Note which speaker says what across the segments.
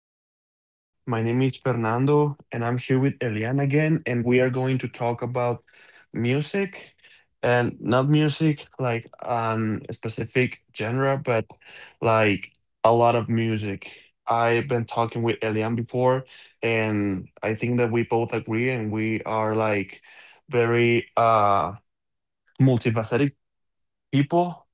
Speaker 1: episode. My name is Fernando, and I'm here with Elian again, and we are going to talk about music, and not music like a specific genre, but like a lot of music. I've been talking with Elian before, and I think that we both agree and we are like very multifaceted people.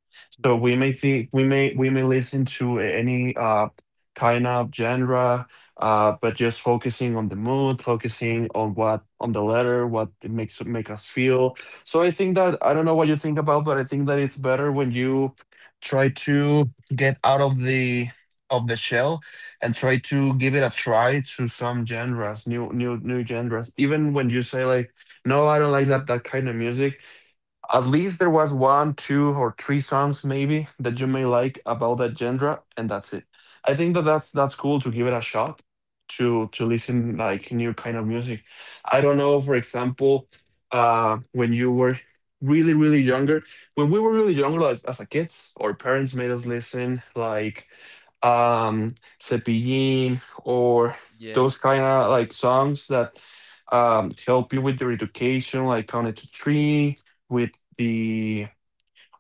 Speaker 1: So we
Speaker 2: Yes.
Speaker 1: may think we may listen to any kind of genre, but just focusing on the mood, focusing on what, on the letter, what it make us feel. So I think that, I don't know what you think about, but I think that it's better when you try to get out of the shell and try to give it a try to some genres, new genres. Even when you say like, no, I don't like that kind of music, at least there was one, two, or three songs maybe that you may like about that genre, and that's it. I think that that's cool to give it a shot, to listen like new kind of music. I don't know, for example, when you were really really younger, when we were really younger as a kids, our parents made us listen like Cepillín or those kind
Speaker 2: Yes.
Speaker 1: of like songs that help you with your education, like Counted to Three with the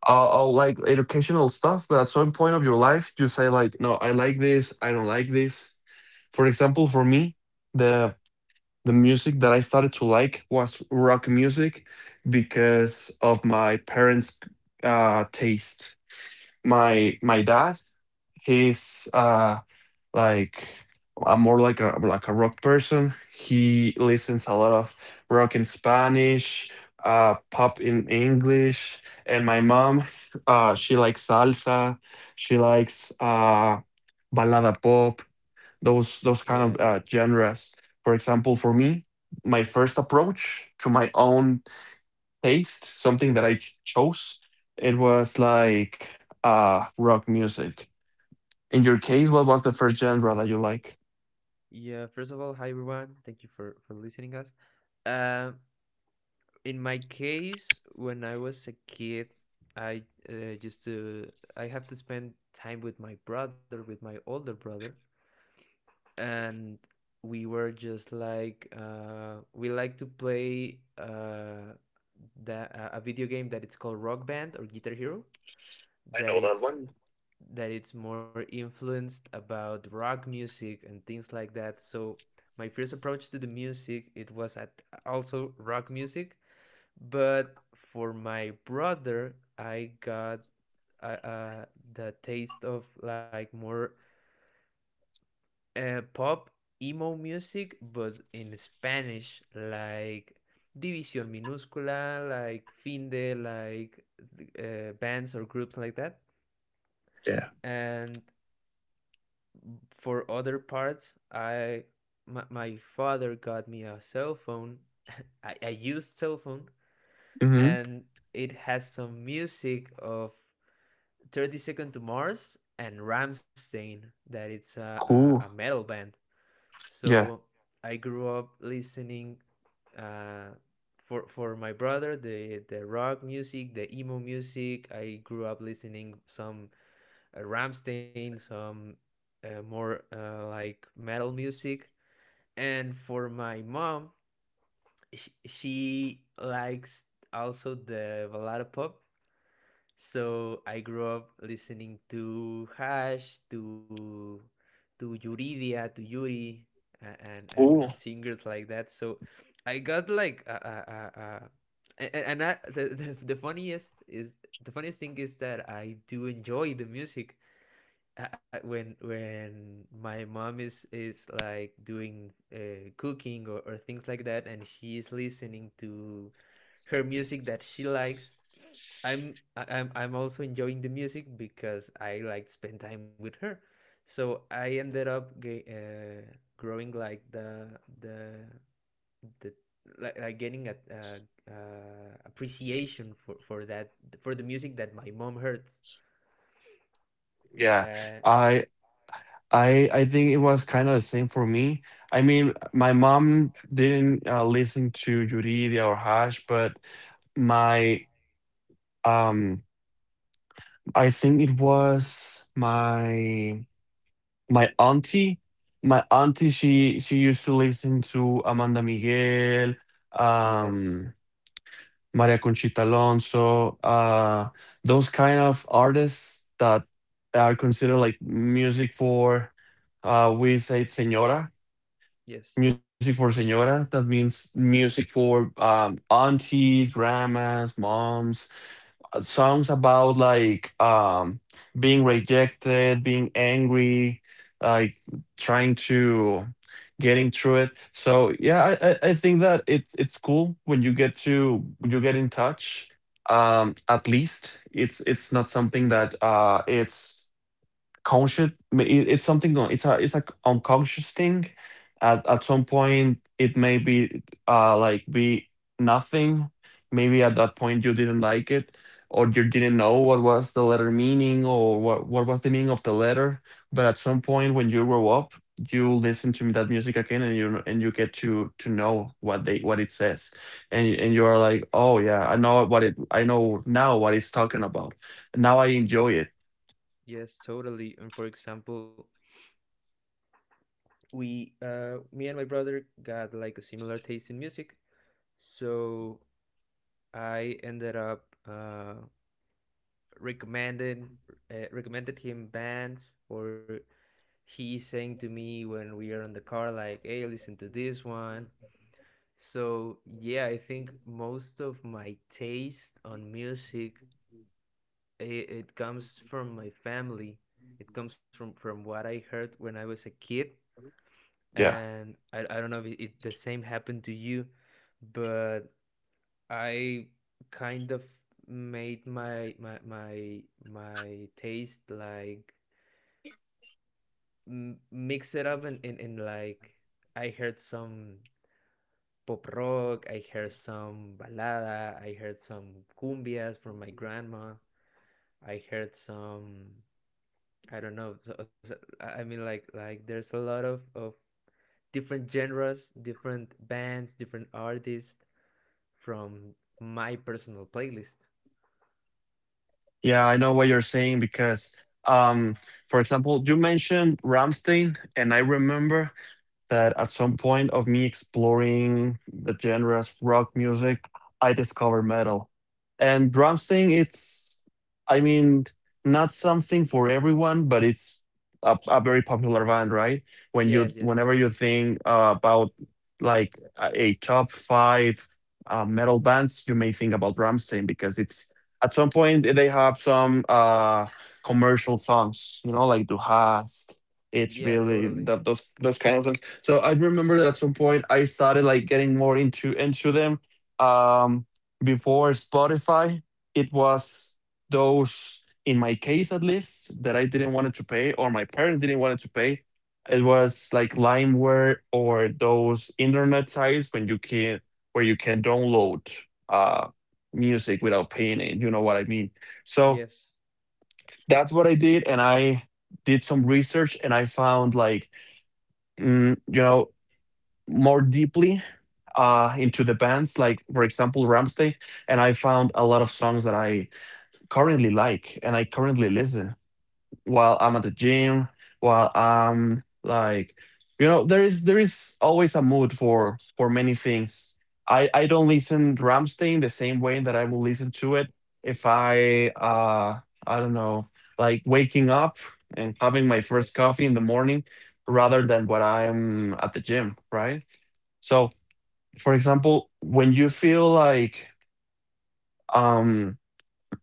Speaker 1: like educational stuff. But at some point of your life you say like, no, I like this, I don't like this. For example, for me, the the music that I started to like was rock music because of my parents' taste. My dad, he's like, I'm more like a rock person. He listens a lot of rock in Spanish, pop in English, and my mom, she likes salsa. She likes ballada pop. Those kind
Speaker 2: Yeah,
Speaker 1: of
Speaker 2: yeah.
Speaker 1: genres. For example, for me, my first approach to my own taste, something that I chose, it was like rock music. In your case, what was the first genre that you like?
Speaker 2: Yeah, first of all, hi everyone. Thank you for listening us. Um in my case, when I was a kid, I uh, just to I have to spend time with my brother, with my older brother, and we were just like we like to play that a video game that it's called Rock Band or Guitar Hero
Speaker 1: I
Speaker 2: that
Speaker 1: know that
Speaker 2: it's
Speaker 1: one.
Speaker 2: that it's more influenced about rock music and things like that. So my first approach to the music it was at also rock music, but for my brother I got uh, uh the taste of like more pop emo music, but in Spanish like. División Minúscula, like Finde, like bands or groups like that.
Speaker 1: Yeah.
Speaker 2: And for other parts, my father got me a cell phone. I used cell phone
Speaker 1: Hmm.
Speaker 2: and it has some music of 30 Second to Mars and Ramstein that it's a
Speaker 1: Cool.
Speaker 2: metal band.
Speaker 1: Yeah.
Speaker 2: So I grew up listening uh, for my brother the rock music, the emo music. I grew up listening some Ramstein, some more like metal music. And for my mom, she likes also the ballada pop. So I grew up listening to Hash, to Yuridia, to Yuri, and
Speaker 1: Cool.
Speaker 2: and singers like that. So I got like a and I, the funniest is the funniest thing is that I do enjoy the music when my mom is like doing cooking or things like that and she is listening to her music that she likes. I'm I- i'm i'm also enjoying the music because I like to spend time with her, so I ended up growing like the like getting a appreciation for that for the music that my mom heard.
Speaker 1: Yeah.
Speaker 2: uh
Speaker 1: I I think it was kind of the same for me. I mean, my mom didn't listen to Yuridia or Hash, but my um I think it was my auntie. My auntie, she used to listen to Amanda Miguel,
Speaker 2: yes,
Speaker 1: um Maria Conchita Alonso, those kind of artists that are considered like music for, we say it's señora,
Speaker 2: yes.
Speaker 1: music for señora. That means music for aunties, grandmas, moms, songs about like being rejected, being angry, like trying to getting through it. So yeah, I think that it's cool when you get to when you get in touch. At least it's not something that, it's conscious, it's something, it's a unconscious thing. At some point it may be like, be nothing. Maybe at that point you didn't like it, or you didn't know what was the letter meaning, or what was the meaning of the letter. But at some point when you grow up, you listen to that music again, and you get to know what it says, and you're like, oh yeah, I know what it I know now what it's talking about. Now I enjoy it.
Speaker 2: Yes, totally. And for example, me and my brother got like a similar taste in music. So I ended up recommended recommended him bands, or he sang to me when we are in the car, like, "Hey, listen to this one." So yeah, I think most of my taste on music it comes from my family. It comes from what I heard when I was a kid,
Speaker 1: Yeah.
Speaker 2: and I don't know if the same happened to you, but I kind of made my taste like mix it up and in like I some pop rock, I heard some balada, I heard some cumbias from my grandma, I heard some I don't know. So, I mean, like there's a lot of different genres, different bands, different artists from my personal playlist.
Speaker 1: Yeah, I know what you're saying because, um, for example, you mentioned Ramstein, and I remember that at some point of me exploring the genres, rock music, I discovered metal. And drums thing, it's, I mean, not something for everyone, but it's a very popular band, right?
Speaker 2: Yes, yes, yes.
Speaker 1: Whenever you think about like a top five metal bands, you may think about Rammstein, because it's at some point they have some commercial songs, like Du hast.
Speaker 2: Yeah,
Speaker 1: It's really
Speaker 2: totally.
Speaker 1: that, those kind of things. So I remember that at some point I started like getting more into them. Um, before Spotify, it was those, in my case at least, that I didn't wanted to pay, or my parents didn't wanted to pay. It was like LimeWare, or those internet sites when you can where you can download uh music without paying it. You know what I mean? So
Speaker 2: Yes,
Speaker 1: that's what I did, and I did some research and I found like, mm, you know more deeply into the bands, like, for example, Ramstein. And I found a lot of songs that I currently like and I currently listen while I'm at the gym, while I'm like, there is always a mood for many things. I don't listen Ramstein the same way that I will listen to it if I I don't know, like waking up and having my first
Speaker 2: yes.
Speaker 1: coffee in the morning, rather than what I'm at the gym, right? So, for example, when you feel like um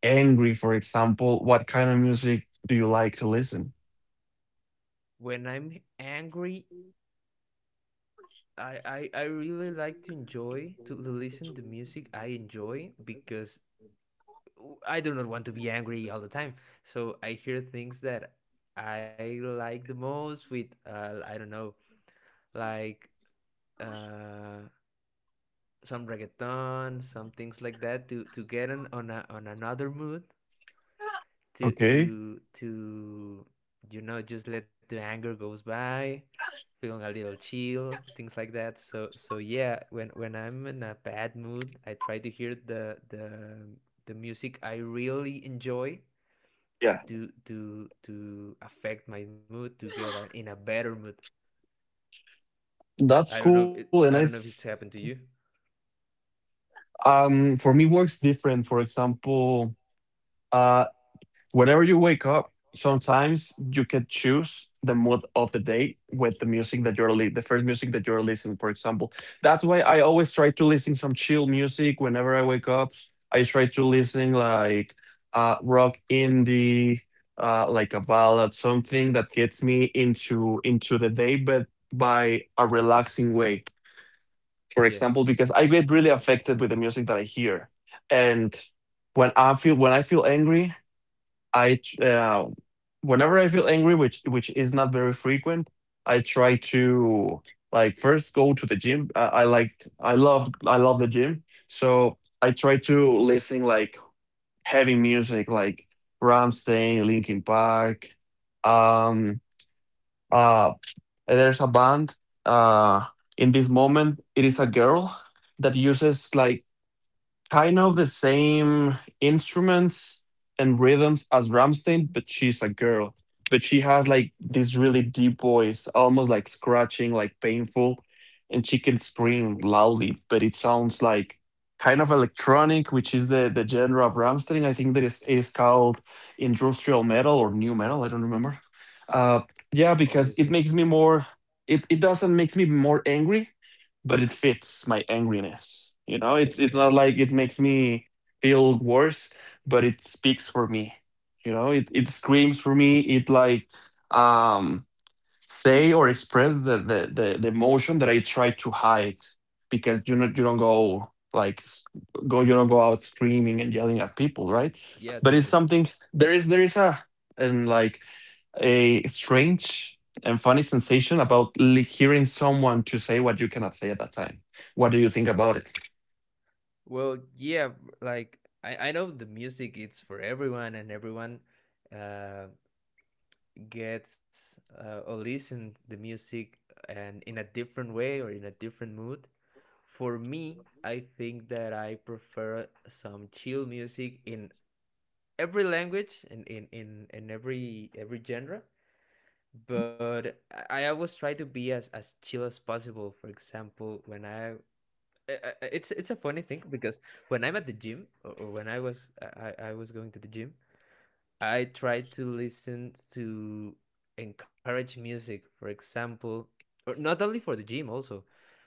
Speaker 1: angry, for example, what kind of music do you like to listen?
Speaker 2: When I'm angry, I really like to enjoy to listen to music I enjoy because I do not want to be angry all the time. So I hear things that I like the most with I don't know, like uh some reggaeton, some things like that to get on another mood to
Speaker 1: Okay.
Speaker 2: to to just let the anger goes by, feeling a little chill, things like that. So, yeah, when I'm in a bad mood I try to hear the music I really enjoy
Speaker 1: Yeah.
Speaker 2: to affect my mood to get in a better mood.
Speaker 1: That's cool. and I
Speaker 2: I don't
Speaker 1: th
Speaker 2: know if it's happened to you.
Speaker 1: For me, work's different. For example, uh, whenever you wake up, sometimes you can choose the mood of the day with the music that you're li the first music that you're listening, for example. That's why I always try to listen some chill music whenever I wake up. I try to listen like rock indie, like a ballad, something that gets me into the day, but by a relaxing way. For example,
Speaker 2: Yes.
Speaker 1: because I get really affected with the music that I hear. And when I feel angry, I tr- uh, whenever I feel angry, which is not very frequent, I try to like first go to the gym. I love the gym, so I try to listen like heavy music, like Ramstein, Linkin Park, um, uh, there's a band uh, in this moment. It is a girl that uses like kind of the same instruments and rhythms as Ramstein, but she's a girl. But she has like this really deep voice, almost like scratching, like painful, and she can scream loudly, but it sounds like kind of electronic, which is the genre of Ramstein. I think that is it is called industrial metal or new metal, I don't remember. Uh yeah,
Speaker 2: Oh, yes,
Speaker 1: because
Speaker 2: yes.
Speaker 1: it makes me more. It doesn't make me more angry, but it fits my angriness. You know, it's not
Speaker 2: Yeah,
Speaker 1: like it makes me feel worse, but it speaks for me. You know, it screams for me. It, like, um say or express the emotion that I try to hide, because you don't go out screaming and yelling at people, right?
Speaker 2: yeah,
Speaker 1: But it's
Speaker 2: totally.
Speaker 1: something, there is, and like a strange and funny sensation about hearing someone to say what you cannot say at that time. What do you think about it?
Speaker 2: Well, yeah, like I know the music it's for everyone and everyone uh, gets or listen the music, and in a different way or in a different mood. For me, I think that I prefer some chill music in every language and in every genre. But I always try to be as chill as possible. For example, when I it's a funny thing because when I'm at the gym or when I was going to the gym, I try to listen to encourage music. For example, or not only for the gym, also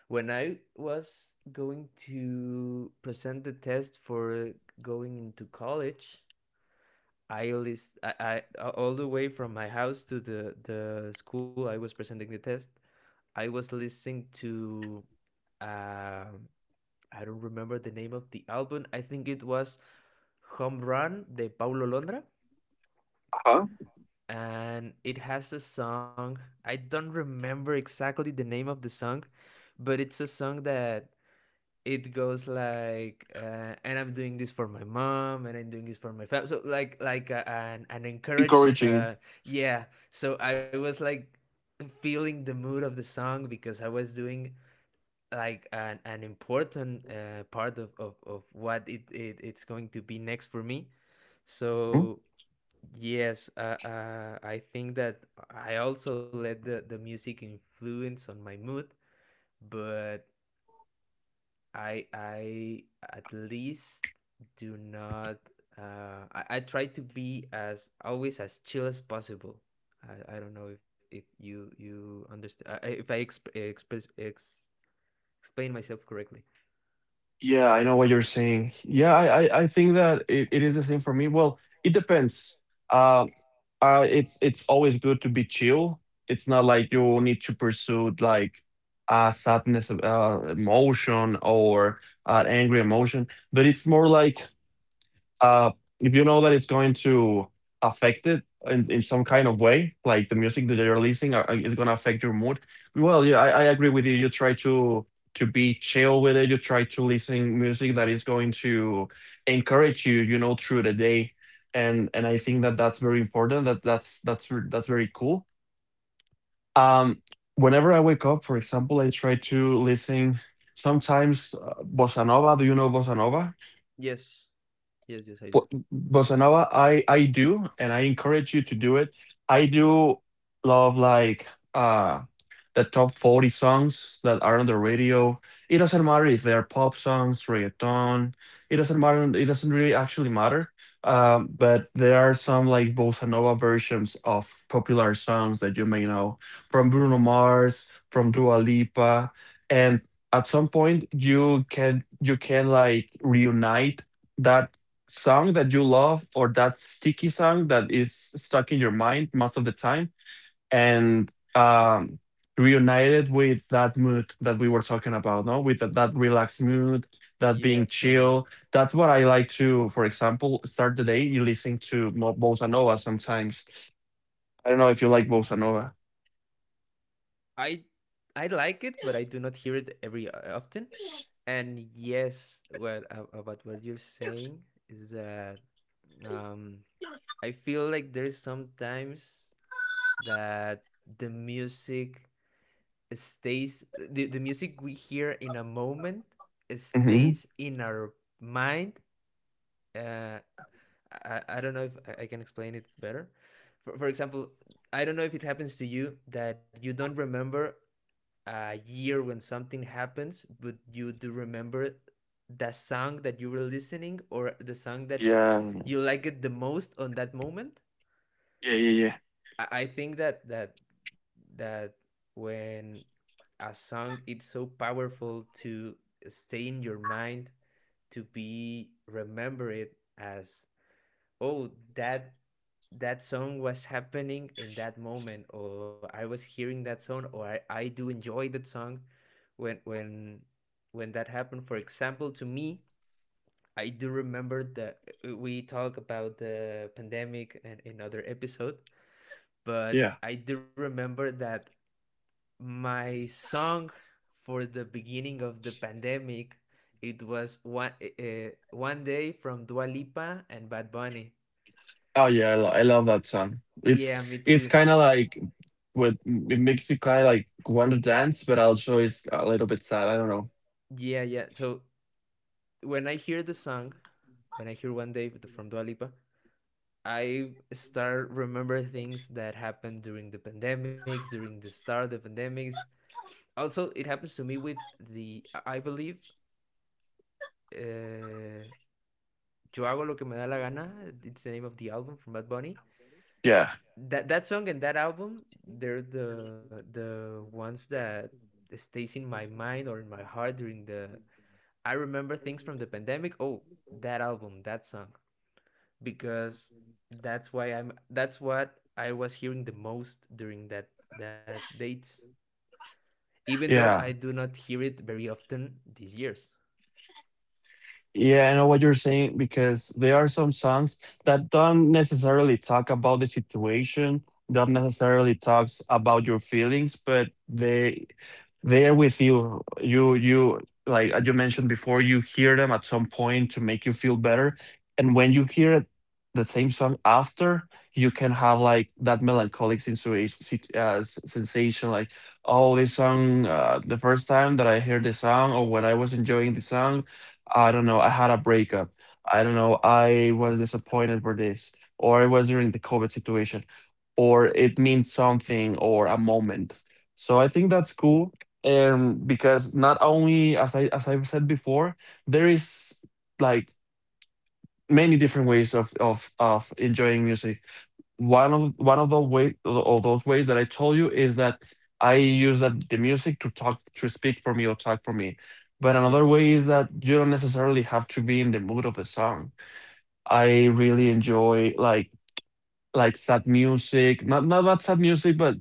Speaker 2: when I was going to present the test for going into college, I list I all the way from my house to the school I was presenting the test. I was listening to um I don't remember the name of the album. I think it was Home Run de Paulo Londra.
Speaker 1: Uh-huh.
Speaker 2: And it has a song. I don't remember exactly the name of the song, but it's a song that it goes like, and I'm doing this for my mom, and I'm doing this for my family. So like an encourage.
Speaker 1: Encouraging.
Speaker 2: Yeah. So I was like feeling the mood of the song because I was doing like an important part of what it's going to be next for me,
Speaker 1: Mhm.
Speaker 2: so yes. I think that I also let the music influence on my mood, but I at least do not I try to be as always as chill as possible. I don't know if, you understand, I- if I exp- express ex- explain myself correctly.
Speaker 1: Yeah, I know what you're saying. Yeah, I think that it is the same for me. Well, it depends. Uh, it's always good to be chill. It's not like you need to pursue like sadness, emotion, or angry emotion, but it's more like, Uh, if you know that it's going to affect it in some kind of way, like the music that you're releasing is going to affect your mood. Well, yeah, I agree with you. You try to be chill with it. You try to listen music that is going to encourage you, through the day. And I think that that's very important. That's very cool. Um, whenever I wake up, for example, I try to listen sometimes bossa nova. Do you know bossa nova?
Speaker 2: Yes. Yes, yes, I do.
Speaker 1: Bossa nova, I do, and I encourage you to do it. I do love, like, uh the top 40 songs that are on the radio. It doesn't matter if they're pop songs, reggaeton, it doesn't matter, it doesn't really actually matter. But there are some like bossa nova versions of popular songs that you may know, from Bruno Mars, from Dua Lipa, and at some point you can like reunite that song that you love, or that sticky song that is stuck in your mind most of the time, and, reunite it with that mood that we were talking about, no? With that relaxed mood, that being
Speaker 2: Yeah, totally.
Speaker 1: chill. That's what I like to, for example, start the day. You listen to bossa nova sometimes. I don't know if you like bossa nova.
Speaker 2: I I like it, but I do not hear it every often. And yes, what about what you're saying is that um I feel like there's sometimes that the music stays the music we hear in a moment
Speaker 1: Hmm.
Speaker 2: stays in our mind. Uh I don't know if I can explain it better. For example, I don't know if it happens to you that you don't remember a year when something happens, but you do remember that song that you were listening, or the song that
Speaker 1: Yeah,
Speaker 2: you like it the most on that moment?
Speaker 1: yeah, yeah, yeah.
Speaker 2: I think that when a song it's so powerful to stay in your mind, to be remember it as, oh, that that song was happening in that moment, or I was hearing that song, or I do enjoy that song. When when when that happened, for example, to me, I do remember that we talk about the pandemic in another episode, but
Speaker 1: Yeah.
Speaker 2: I do remember that my song for the beginning of the pandemic, it was One Day from Dua Lipa and Bad Bunny.
Speaker 1: Oh yeah, I love that song. It's
Speaker 2: Yeah, me
Speaker 1: it's
Speaker 2: too.
Speaker 1: kind of like with it makes you kind of like want to dance, but also is a little bit sad. I don't know.
Speaker 2: Yeah, yeah. So when I hear the song, when I hear One Day from Dua Lipa, I start remember things that happened during the pandemics, during the start of the pandemics. Also, it happens to me with the, I believe, uh, Yo hago lo que me da la gana. It's the name of the album from Bad Bunny.
Speaker 1: Yeah,
Speaker 2: That that song and that album, they're the ones that stays in my mind or in my heart during the I remember things from the pandemic. Oh, that album, that song, because that's why I'm that's what I was hearing the most during that date, even though I
Speaker 1: yeah.
Speaker 2: do not hear it very often these years.
Speaker 1: Yeah, I know what you're saying because there are some songs that don't necessarily talk about the situation, don't necessarily talks about your feelings, but they're with you. You like as you mentioned before, you hear them at some point to make you feel better. And when you hear it, the same song after, you can have like that melancholic sensation, sensation like, oh, this song, the first time that I heard the song or when I was enjoying the song I don't know, I had a breakup. I don't know, I was disappointed for this, or it was during the COVID situation, or it means something or a moment. So I think that's cool. And because not only as I've said before, there is like many different ways of enjoying music. One of the way of those ways that I told you is that I use that the music to talk to speak for me or talk for me. But another
Speaker 2: Yeah.
Speaker 1: way is that you don't necessarily have to be in the mood of a song. I really enjoy like sad music, not that sad music, but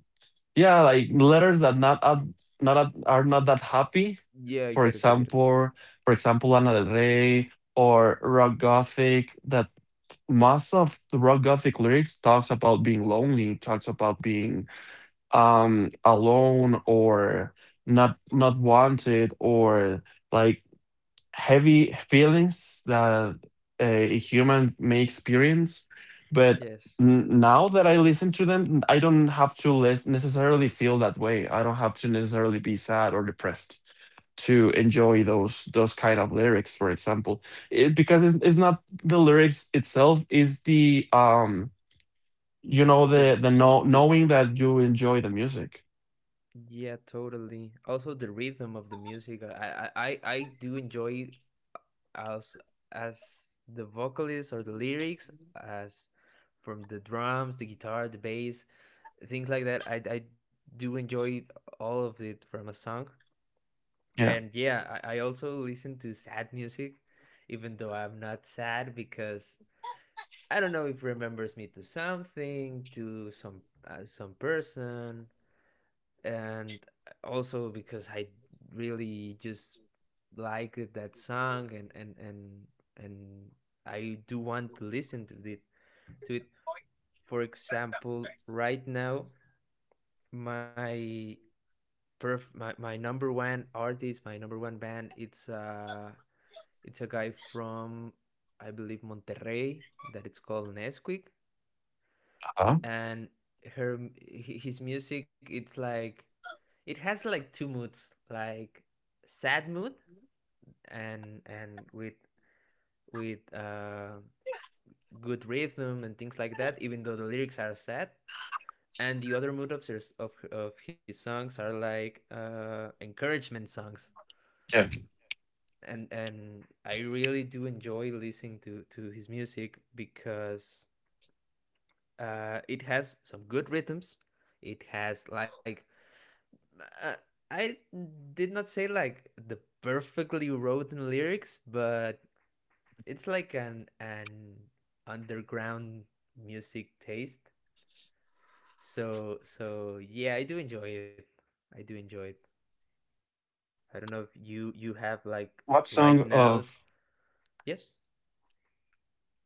Speaker 1: yeah, like letters that not up- are not that happy.
Speaker 2: Yeah, I
Speaker 1: For
Speaker 2: get it. I get it.
Speaker 1: example, for example, Lana Del Rey or rock gothic that most of the rock gothic lyrics talks about being lonely, talks about being alone, or not wanted, or like heavy feelings that a human may experience. But
Speaker 2: Yes.
Speaker 1: now that I listen to them, I don't have to necessarily feel that way. I don't have to necessarily be sad or depressed to enjoy those kind of lyrics. For example, because it's not the lyrics itself, is the you know,
Speaker 2: the the
Speaker 1: knowing that you enjoy the music.
Speaker 2: Yeah, totally. Also the rhythm of the music I do enjoy, as as the vocalist or the lyrics, as from the drums, the guitar, the bass, things like that. I do enjoy all of it from a song.
Speaker 1: Yeah.
Speaker 2: And yeah, I also listen to sad music, even though I'm not sad, because I don't know if remembers me to something, to some person, and also because I really just like that song, and I do want to listen to it. For example, right now my perf my number one artist, my number one band, it's a guy from, I believe, Monterrey, that it's called Nesquik.
Speaker 1: Uh-huh.
Speaker 2: And her his music it's like, it has like two moods, like sad mood, and with good rhythm and things like that, even though the lyrics are sad. And the other mood of his, of his songs, are like encouragement songs. And I really do enjoy listening to his music because it has some good rhythms. It has like uh, I did not say like the perfectly written lyrics, but it's like an underground music taste. So, yeah, I do enjoy it. I do enjoy it. I don't know if you
Speaker 1: what
Speaker 2: you have
Speaker 1: song
Speaker 2: like
Speaker 1: of
Speaker 2: right now. Yes.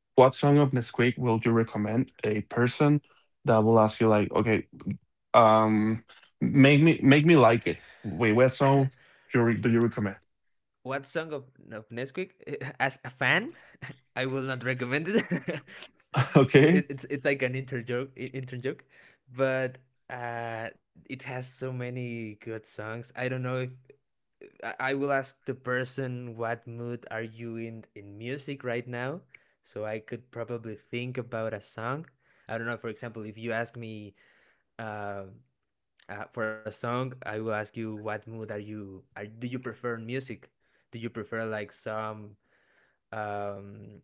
Speaker 1: What song of Nesquik will you recommend a person that will ask you like, okay, um, make me like it. Wait, what song do you, do you recommend?
Speaker 2: What song of Nesquik? As a fan, I will not recommend it. It,
Speaker 1: Okay.
Speaker 2: it it's it's like an inter joke, inter joke, but it has so many good songs. I don't know if I will ask the person what mood are you in music right now, so I could probably think about a song. I don't know. For example, if you ask me uh, for a song, I will ask you what mood are you are do you prefer in music? Do you prefer like some um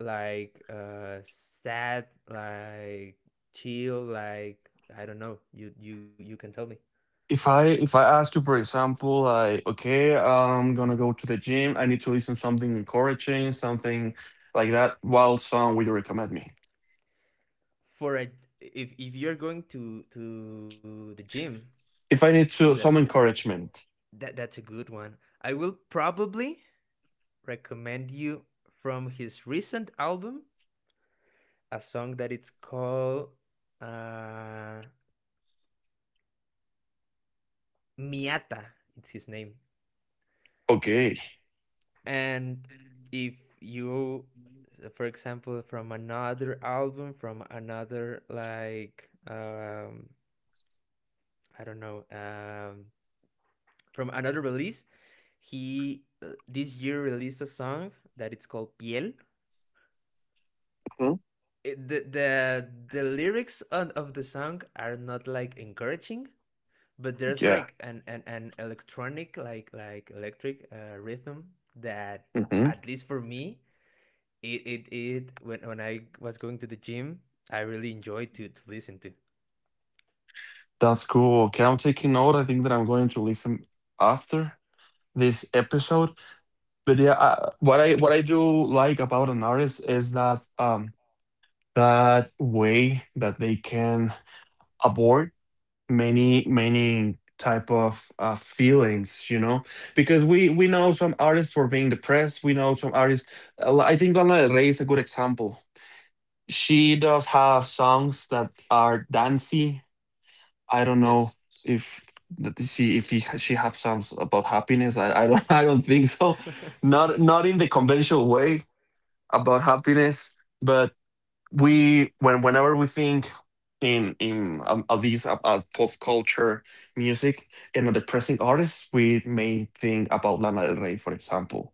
Speaker 2: like sad, like chill, like I don't know. You can tell me.
Speaker 1: If I ask you, for example, like, okay, I'm gonna go to the gym. I need to listen something encouraging, something like that. What song would you recommend me?
Speaker 2: For a If you're going to the gym,
Speaker 1: If I need
Speaker 2: ooh,
Speaker 1: to
Speaker 2: that
Speaker 1: some encouragement.
Speaker 2: that's a good one. I will probably recommend you from his recent album a song that it's called uh, Miata. It's his name,
Speaker 1: Okay.
Speaker 2: and if you for example from another album, from another like I don't know, from another release. He this year released a song that it's called Piel.
Speaker 1: Mhm.
Speaker 2: The the lyrics on, of the song are not like encouraging, but there's like
Speaker 1: Yeah.
Speaker 2: an electronic, like electric rhythm that
Speaker 1: Hmm.
Speaker 2: at least for me it when I was going to the gym I really enjoyed to listen to.
Speaker 1: That's cool. Okay, I'm taking note. I think that I'm going to listen after this episode. But yeah, what I do like about an artist is that that way that they can abort many many type of feelings, you know, because we know some artists for being depressed. We know some artists. I think Lana Del Rey is a good example. She does have songs that are dancey. I don't know
Speaker 2: Yes.
Speaker 1: if that she if he, she have songs about happiness. I don't I don't think so. Not in the conventional way about happiness, but we when whenever we think in at least about pop culture music and a depressing artist, we may think about Lana Del Rey, for example.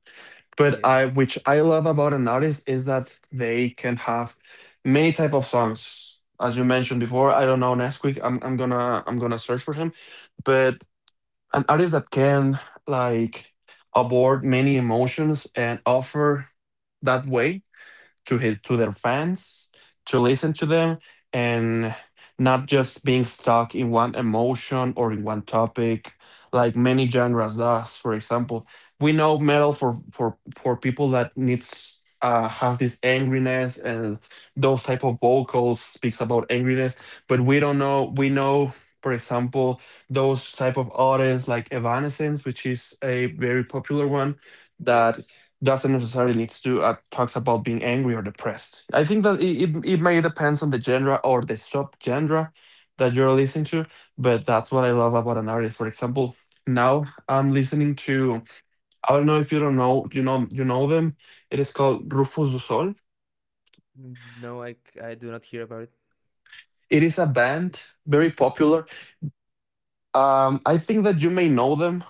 Speaker 1: But
Speaker 2: Yeah.
Speaker 1: I which I love about an artist is that they can have many type of songs, as you mentioned before. I don't know, next week I'm gonna I'm gonna search for him. But an artist that can like abort many emotions and offer that way to his to their fans, to listen to them, and not just being stuck in one emotion or in one topic, like many genres does. For example, we know metal for for people that needs. Has this angriness, and those type of vocals speaks about angriness, but we don't know, we know, for example, those type of artists like Evanescence, which is a very popular one, that
Speaker 2: Yes.
Speaker 1: doesn't necessarily needs to talks about being angry or depressed. I think that it may depends on the genre or the subgenre that you're listening to, but that's what I love about an artist. For example, now I'm listening to, I don't know if you don't know, you know them. It is called Rufus du Sol.
Speaker 2: No, I do not hear about it.
Speaker 1: It is a band very popular. I think that you may know them,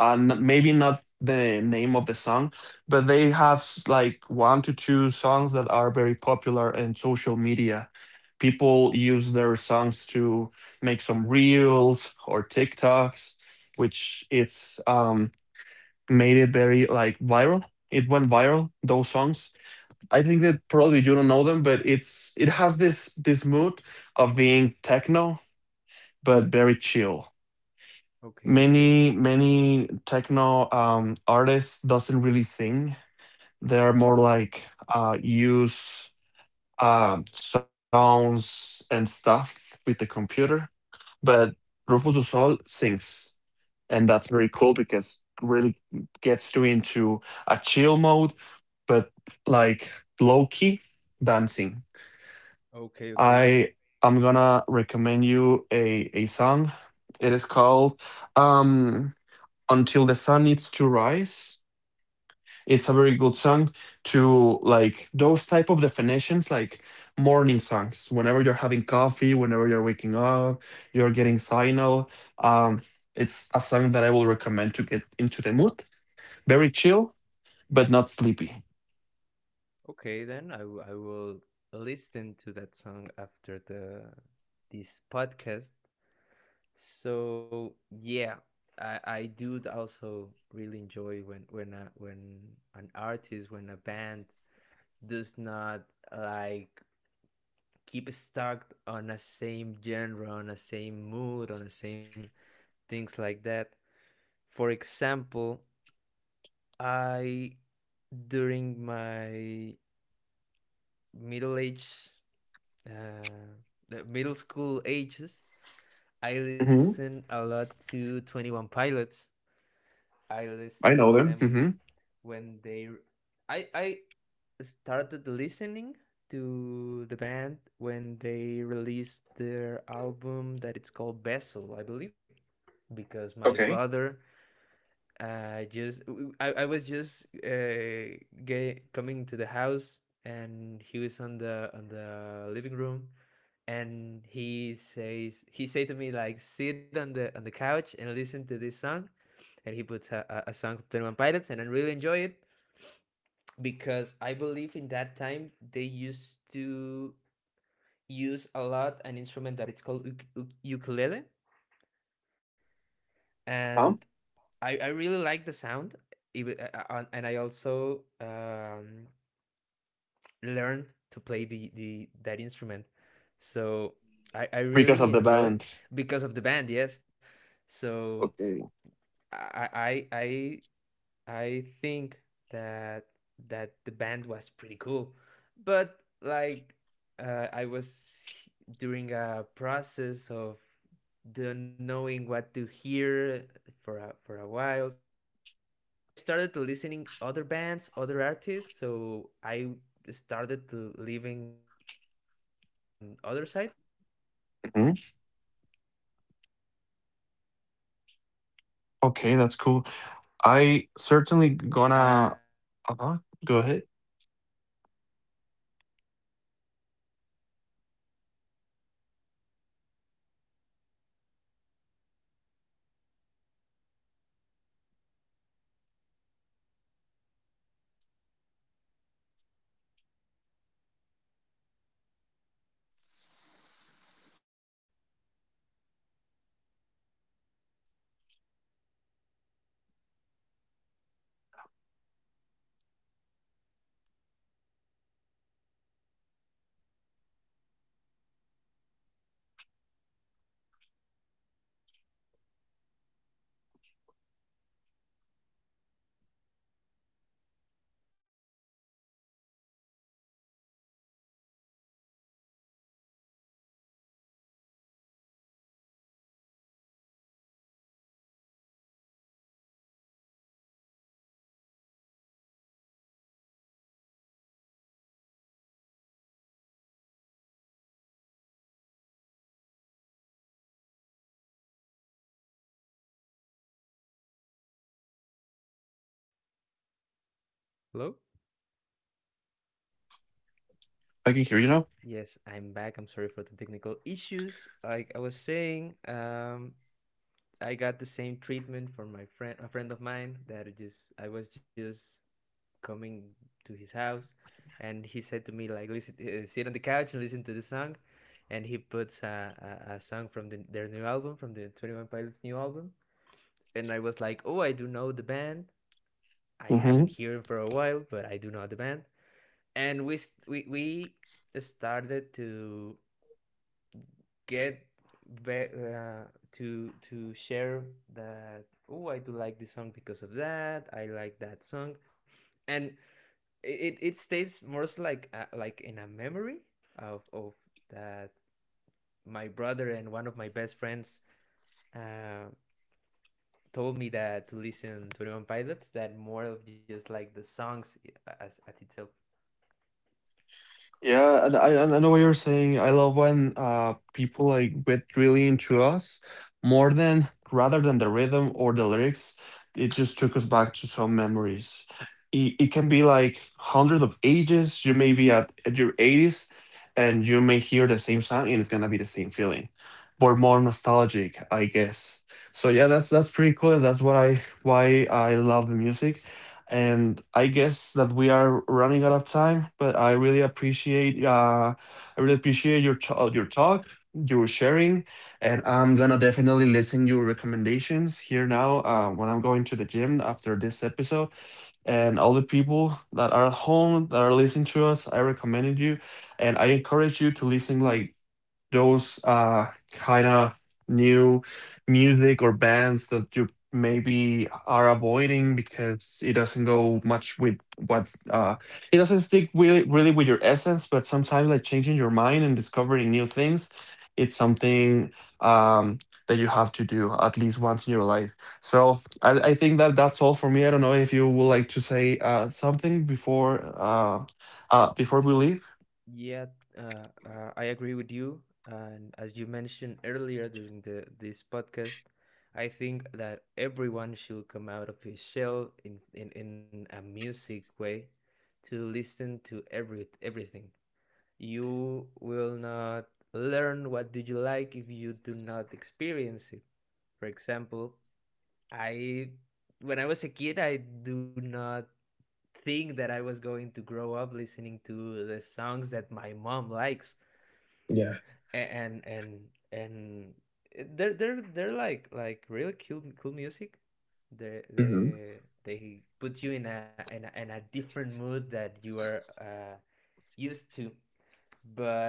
Speaker 1: and maybe not the name of the song, but they have like 1 to 2 songs that are very popular in social media. People use their songs to make some reels or TikToks, which it's made it very like viral. It went viral, those songs. I think that probably you don't know them, but it has this this mood of being techno, but very chill.
Speaker 2: Okay, okay.
Speaker 1: Many many techno artists doesn't really sing. They're more like use sounds and stuff with the computer, but Rufus du Sol sings, and that's very cool because really gets you into a chill mode, but like low-key dancing.
Speaker 2: Okay, okay.
Speaker 1: i I'm gonna recommend you a song. It is called um until The Sun Needs To Rise. It's a very good song to like those type of definitions like morning songs, whenever you're having coffee, whenever you're waking up, you're getting signal. Um, it's a song that I will recommend to get into the mood. Very chill, but not sleepy.
Speaker 2: Okay, then I will listen to that song after the this podcast. So yeah, I do also really enjoy when when an artist, when a band does not like keep stuck on a same genre, on a same mood, on the same things like that. For example, I during my middle age, uh, the middle school ages, I
Speaker 1: Hmm.
Speaker 2: listened a lot to Twenty One Pilots. I listened to them
Speaker 1: Hmm.
Speaker 2: when they. I started listening to the band when they released their album that it's called Vessel, I believe, because my brother just I was just coming to the house, and he was on the living room, and he said to me like, sit on the couch and listen to this song, and he puts song of 21 pilots and I really enjoy it, because I believe in that time they used to use a lot an instrument that it's called ukulele, and
Speaker 1: Huh?
Speaker 2: I really like the sound. And I also learned to play the that instrument, so I
Speaker 1: Because
Speaker 2: really
Speaker 1: of the
Speaker 2: enjoy
Speaker 1: band.
Speaker 2: because of the band, yes. So I I think that that the band was pretty cool, but like I was during a process of the knowing what to hear for for a while, so I started to listening other bands, other artists. So I started to leaving Twenty One Pilots on other side, but
Speaker 1: Hmm.
Speaker 2: then they released another album that is called Very Fake, I believe.
Speaker 1: Okay, that's cool. I certainly gonna.
Speaker 2: And
Speaker 1: Uh huh.
Speaker 2: a friend
Speaker 1: Go
Speaker 2: of
Speaker 1: ahead.
Speaker 2: mine, the same treatment. It was like I was going to his house, and hello. Hello?
Speaker 1: I can hear you now.
Speaker 2: Yes, I'm back. I'm sorry for the technical issues. Like I was saying, I got the same treatment from my friend, a friend of mine, that it just I was just coming to his house, and he said to me like, "Listen, sit on the couch and listen to the song," and he puts a song from the, their new album, from the Twenty One Pilots' new album, and I was like, "Oh, I do know the band. I haven't
Speaker 1: Hmm.
Speaker 2: heard for a while, but I do know the band." And we s- we started to get be- uh, to share that, oh, I do like this song because of that, I like that song. And it stays more like in a memory of that my brother and one of my best friends uh, told me that, to listen to 21 pilots, that more of just like the songs as itself.
Speaker 1: Yeah, and I know what you're saying. I love when people like get really into us more than rather than the rhythm or the lyrics. It just took us back to some memories. It can be like hundreds of ages. You may be at your 80s, and you may hear the same song and it's gonna be the same feeling, but more nostalgic, I guess. So yeah, that's pretty cool, and that's what I why I love the music. And I guess that we are running out of time, but I really appreciate your your talk, your sharing, and I'm gonna definitely listen your recommendations here now, when I'm going to the gym after this episode. And all the people that are at home that are listening to us, I recommended you, and I encourage you to listen like those kind of new music or bands that you maybe are avoiding because it doesn't go much with what it doesn't stick really really with your essence. But sometimes like changing your mind and discovering new things, it's something um that you have to do at least once in your life. So I think that that's all for me. I don't know if you would like to say something before before we leave.
Speaker 2: Yeah, t- I agree with you. And as you mentioned earlier during the this podcast, I think that everyone should come out of his shell in in a music way, to listen to every everything. You will not learn what do you like if you do not experience it. For example, I when I was a kid, I do not think that I was going to grow up listening to the songs that my mom likes,
Speaker 1: Yeah.
Speaker 2: and and they're they're like really cool cool music. they
Speaker 1: Hmm.
Speaker 2: they they put you in a in in a different mood that you are used to.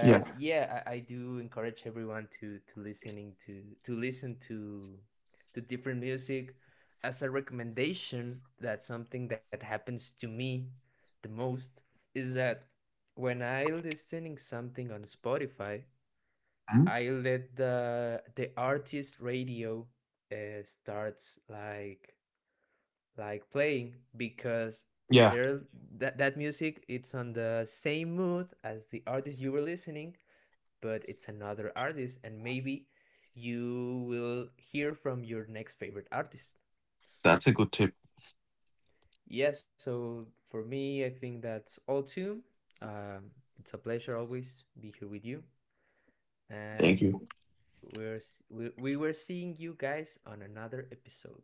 Speaker 1: Yeah.
Speaker 2: yeah, I do encourage everyone to listening to listen to different music. As a recommendation, that something that happens to me the most, is that when I listening something on Spotify,
Speaker 1: Mhm.
Speaker 2: I let the artist radio starts like playing, because
Speaker 1: Yeah.
Speaker 2: there that that music it's on the same mood as the artist you were listening, but it's another artist, and maybe you will hear from your next favorite artist.
Speaker 1: That's a good tip.
Speaker 2: Yes, yeah, so for me, I think that's all too. Um, it's a pleasure always be here with you,
Speaker 1: Thank
Speaker 2: and
Speaker 1: you.
Speaker 2: We were seeing you guys on another episode.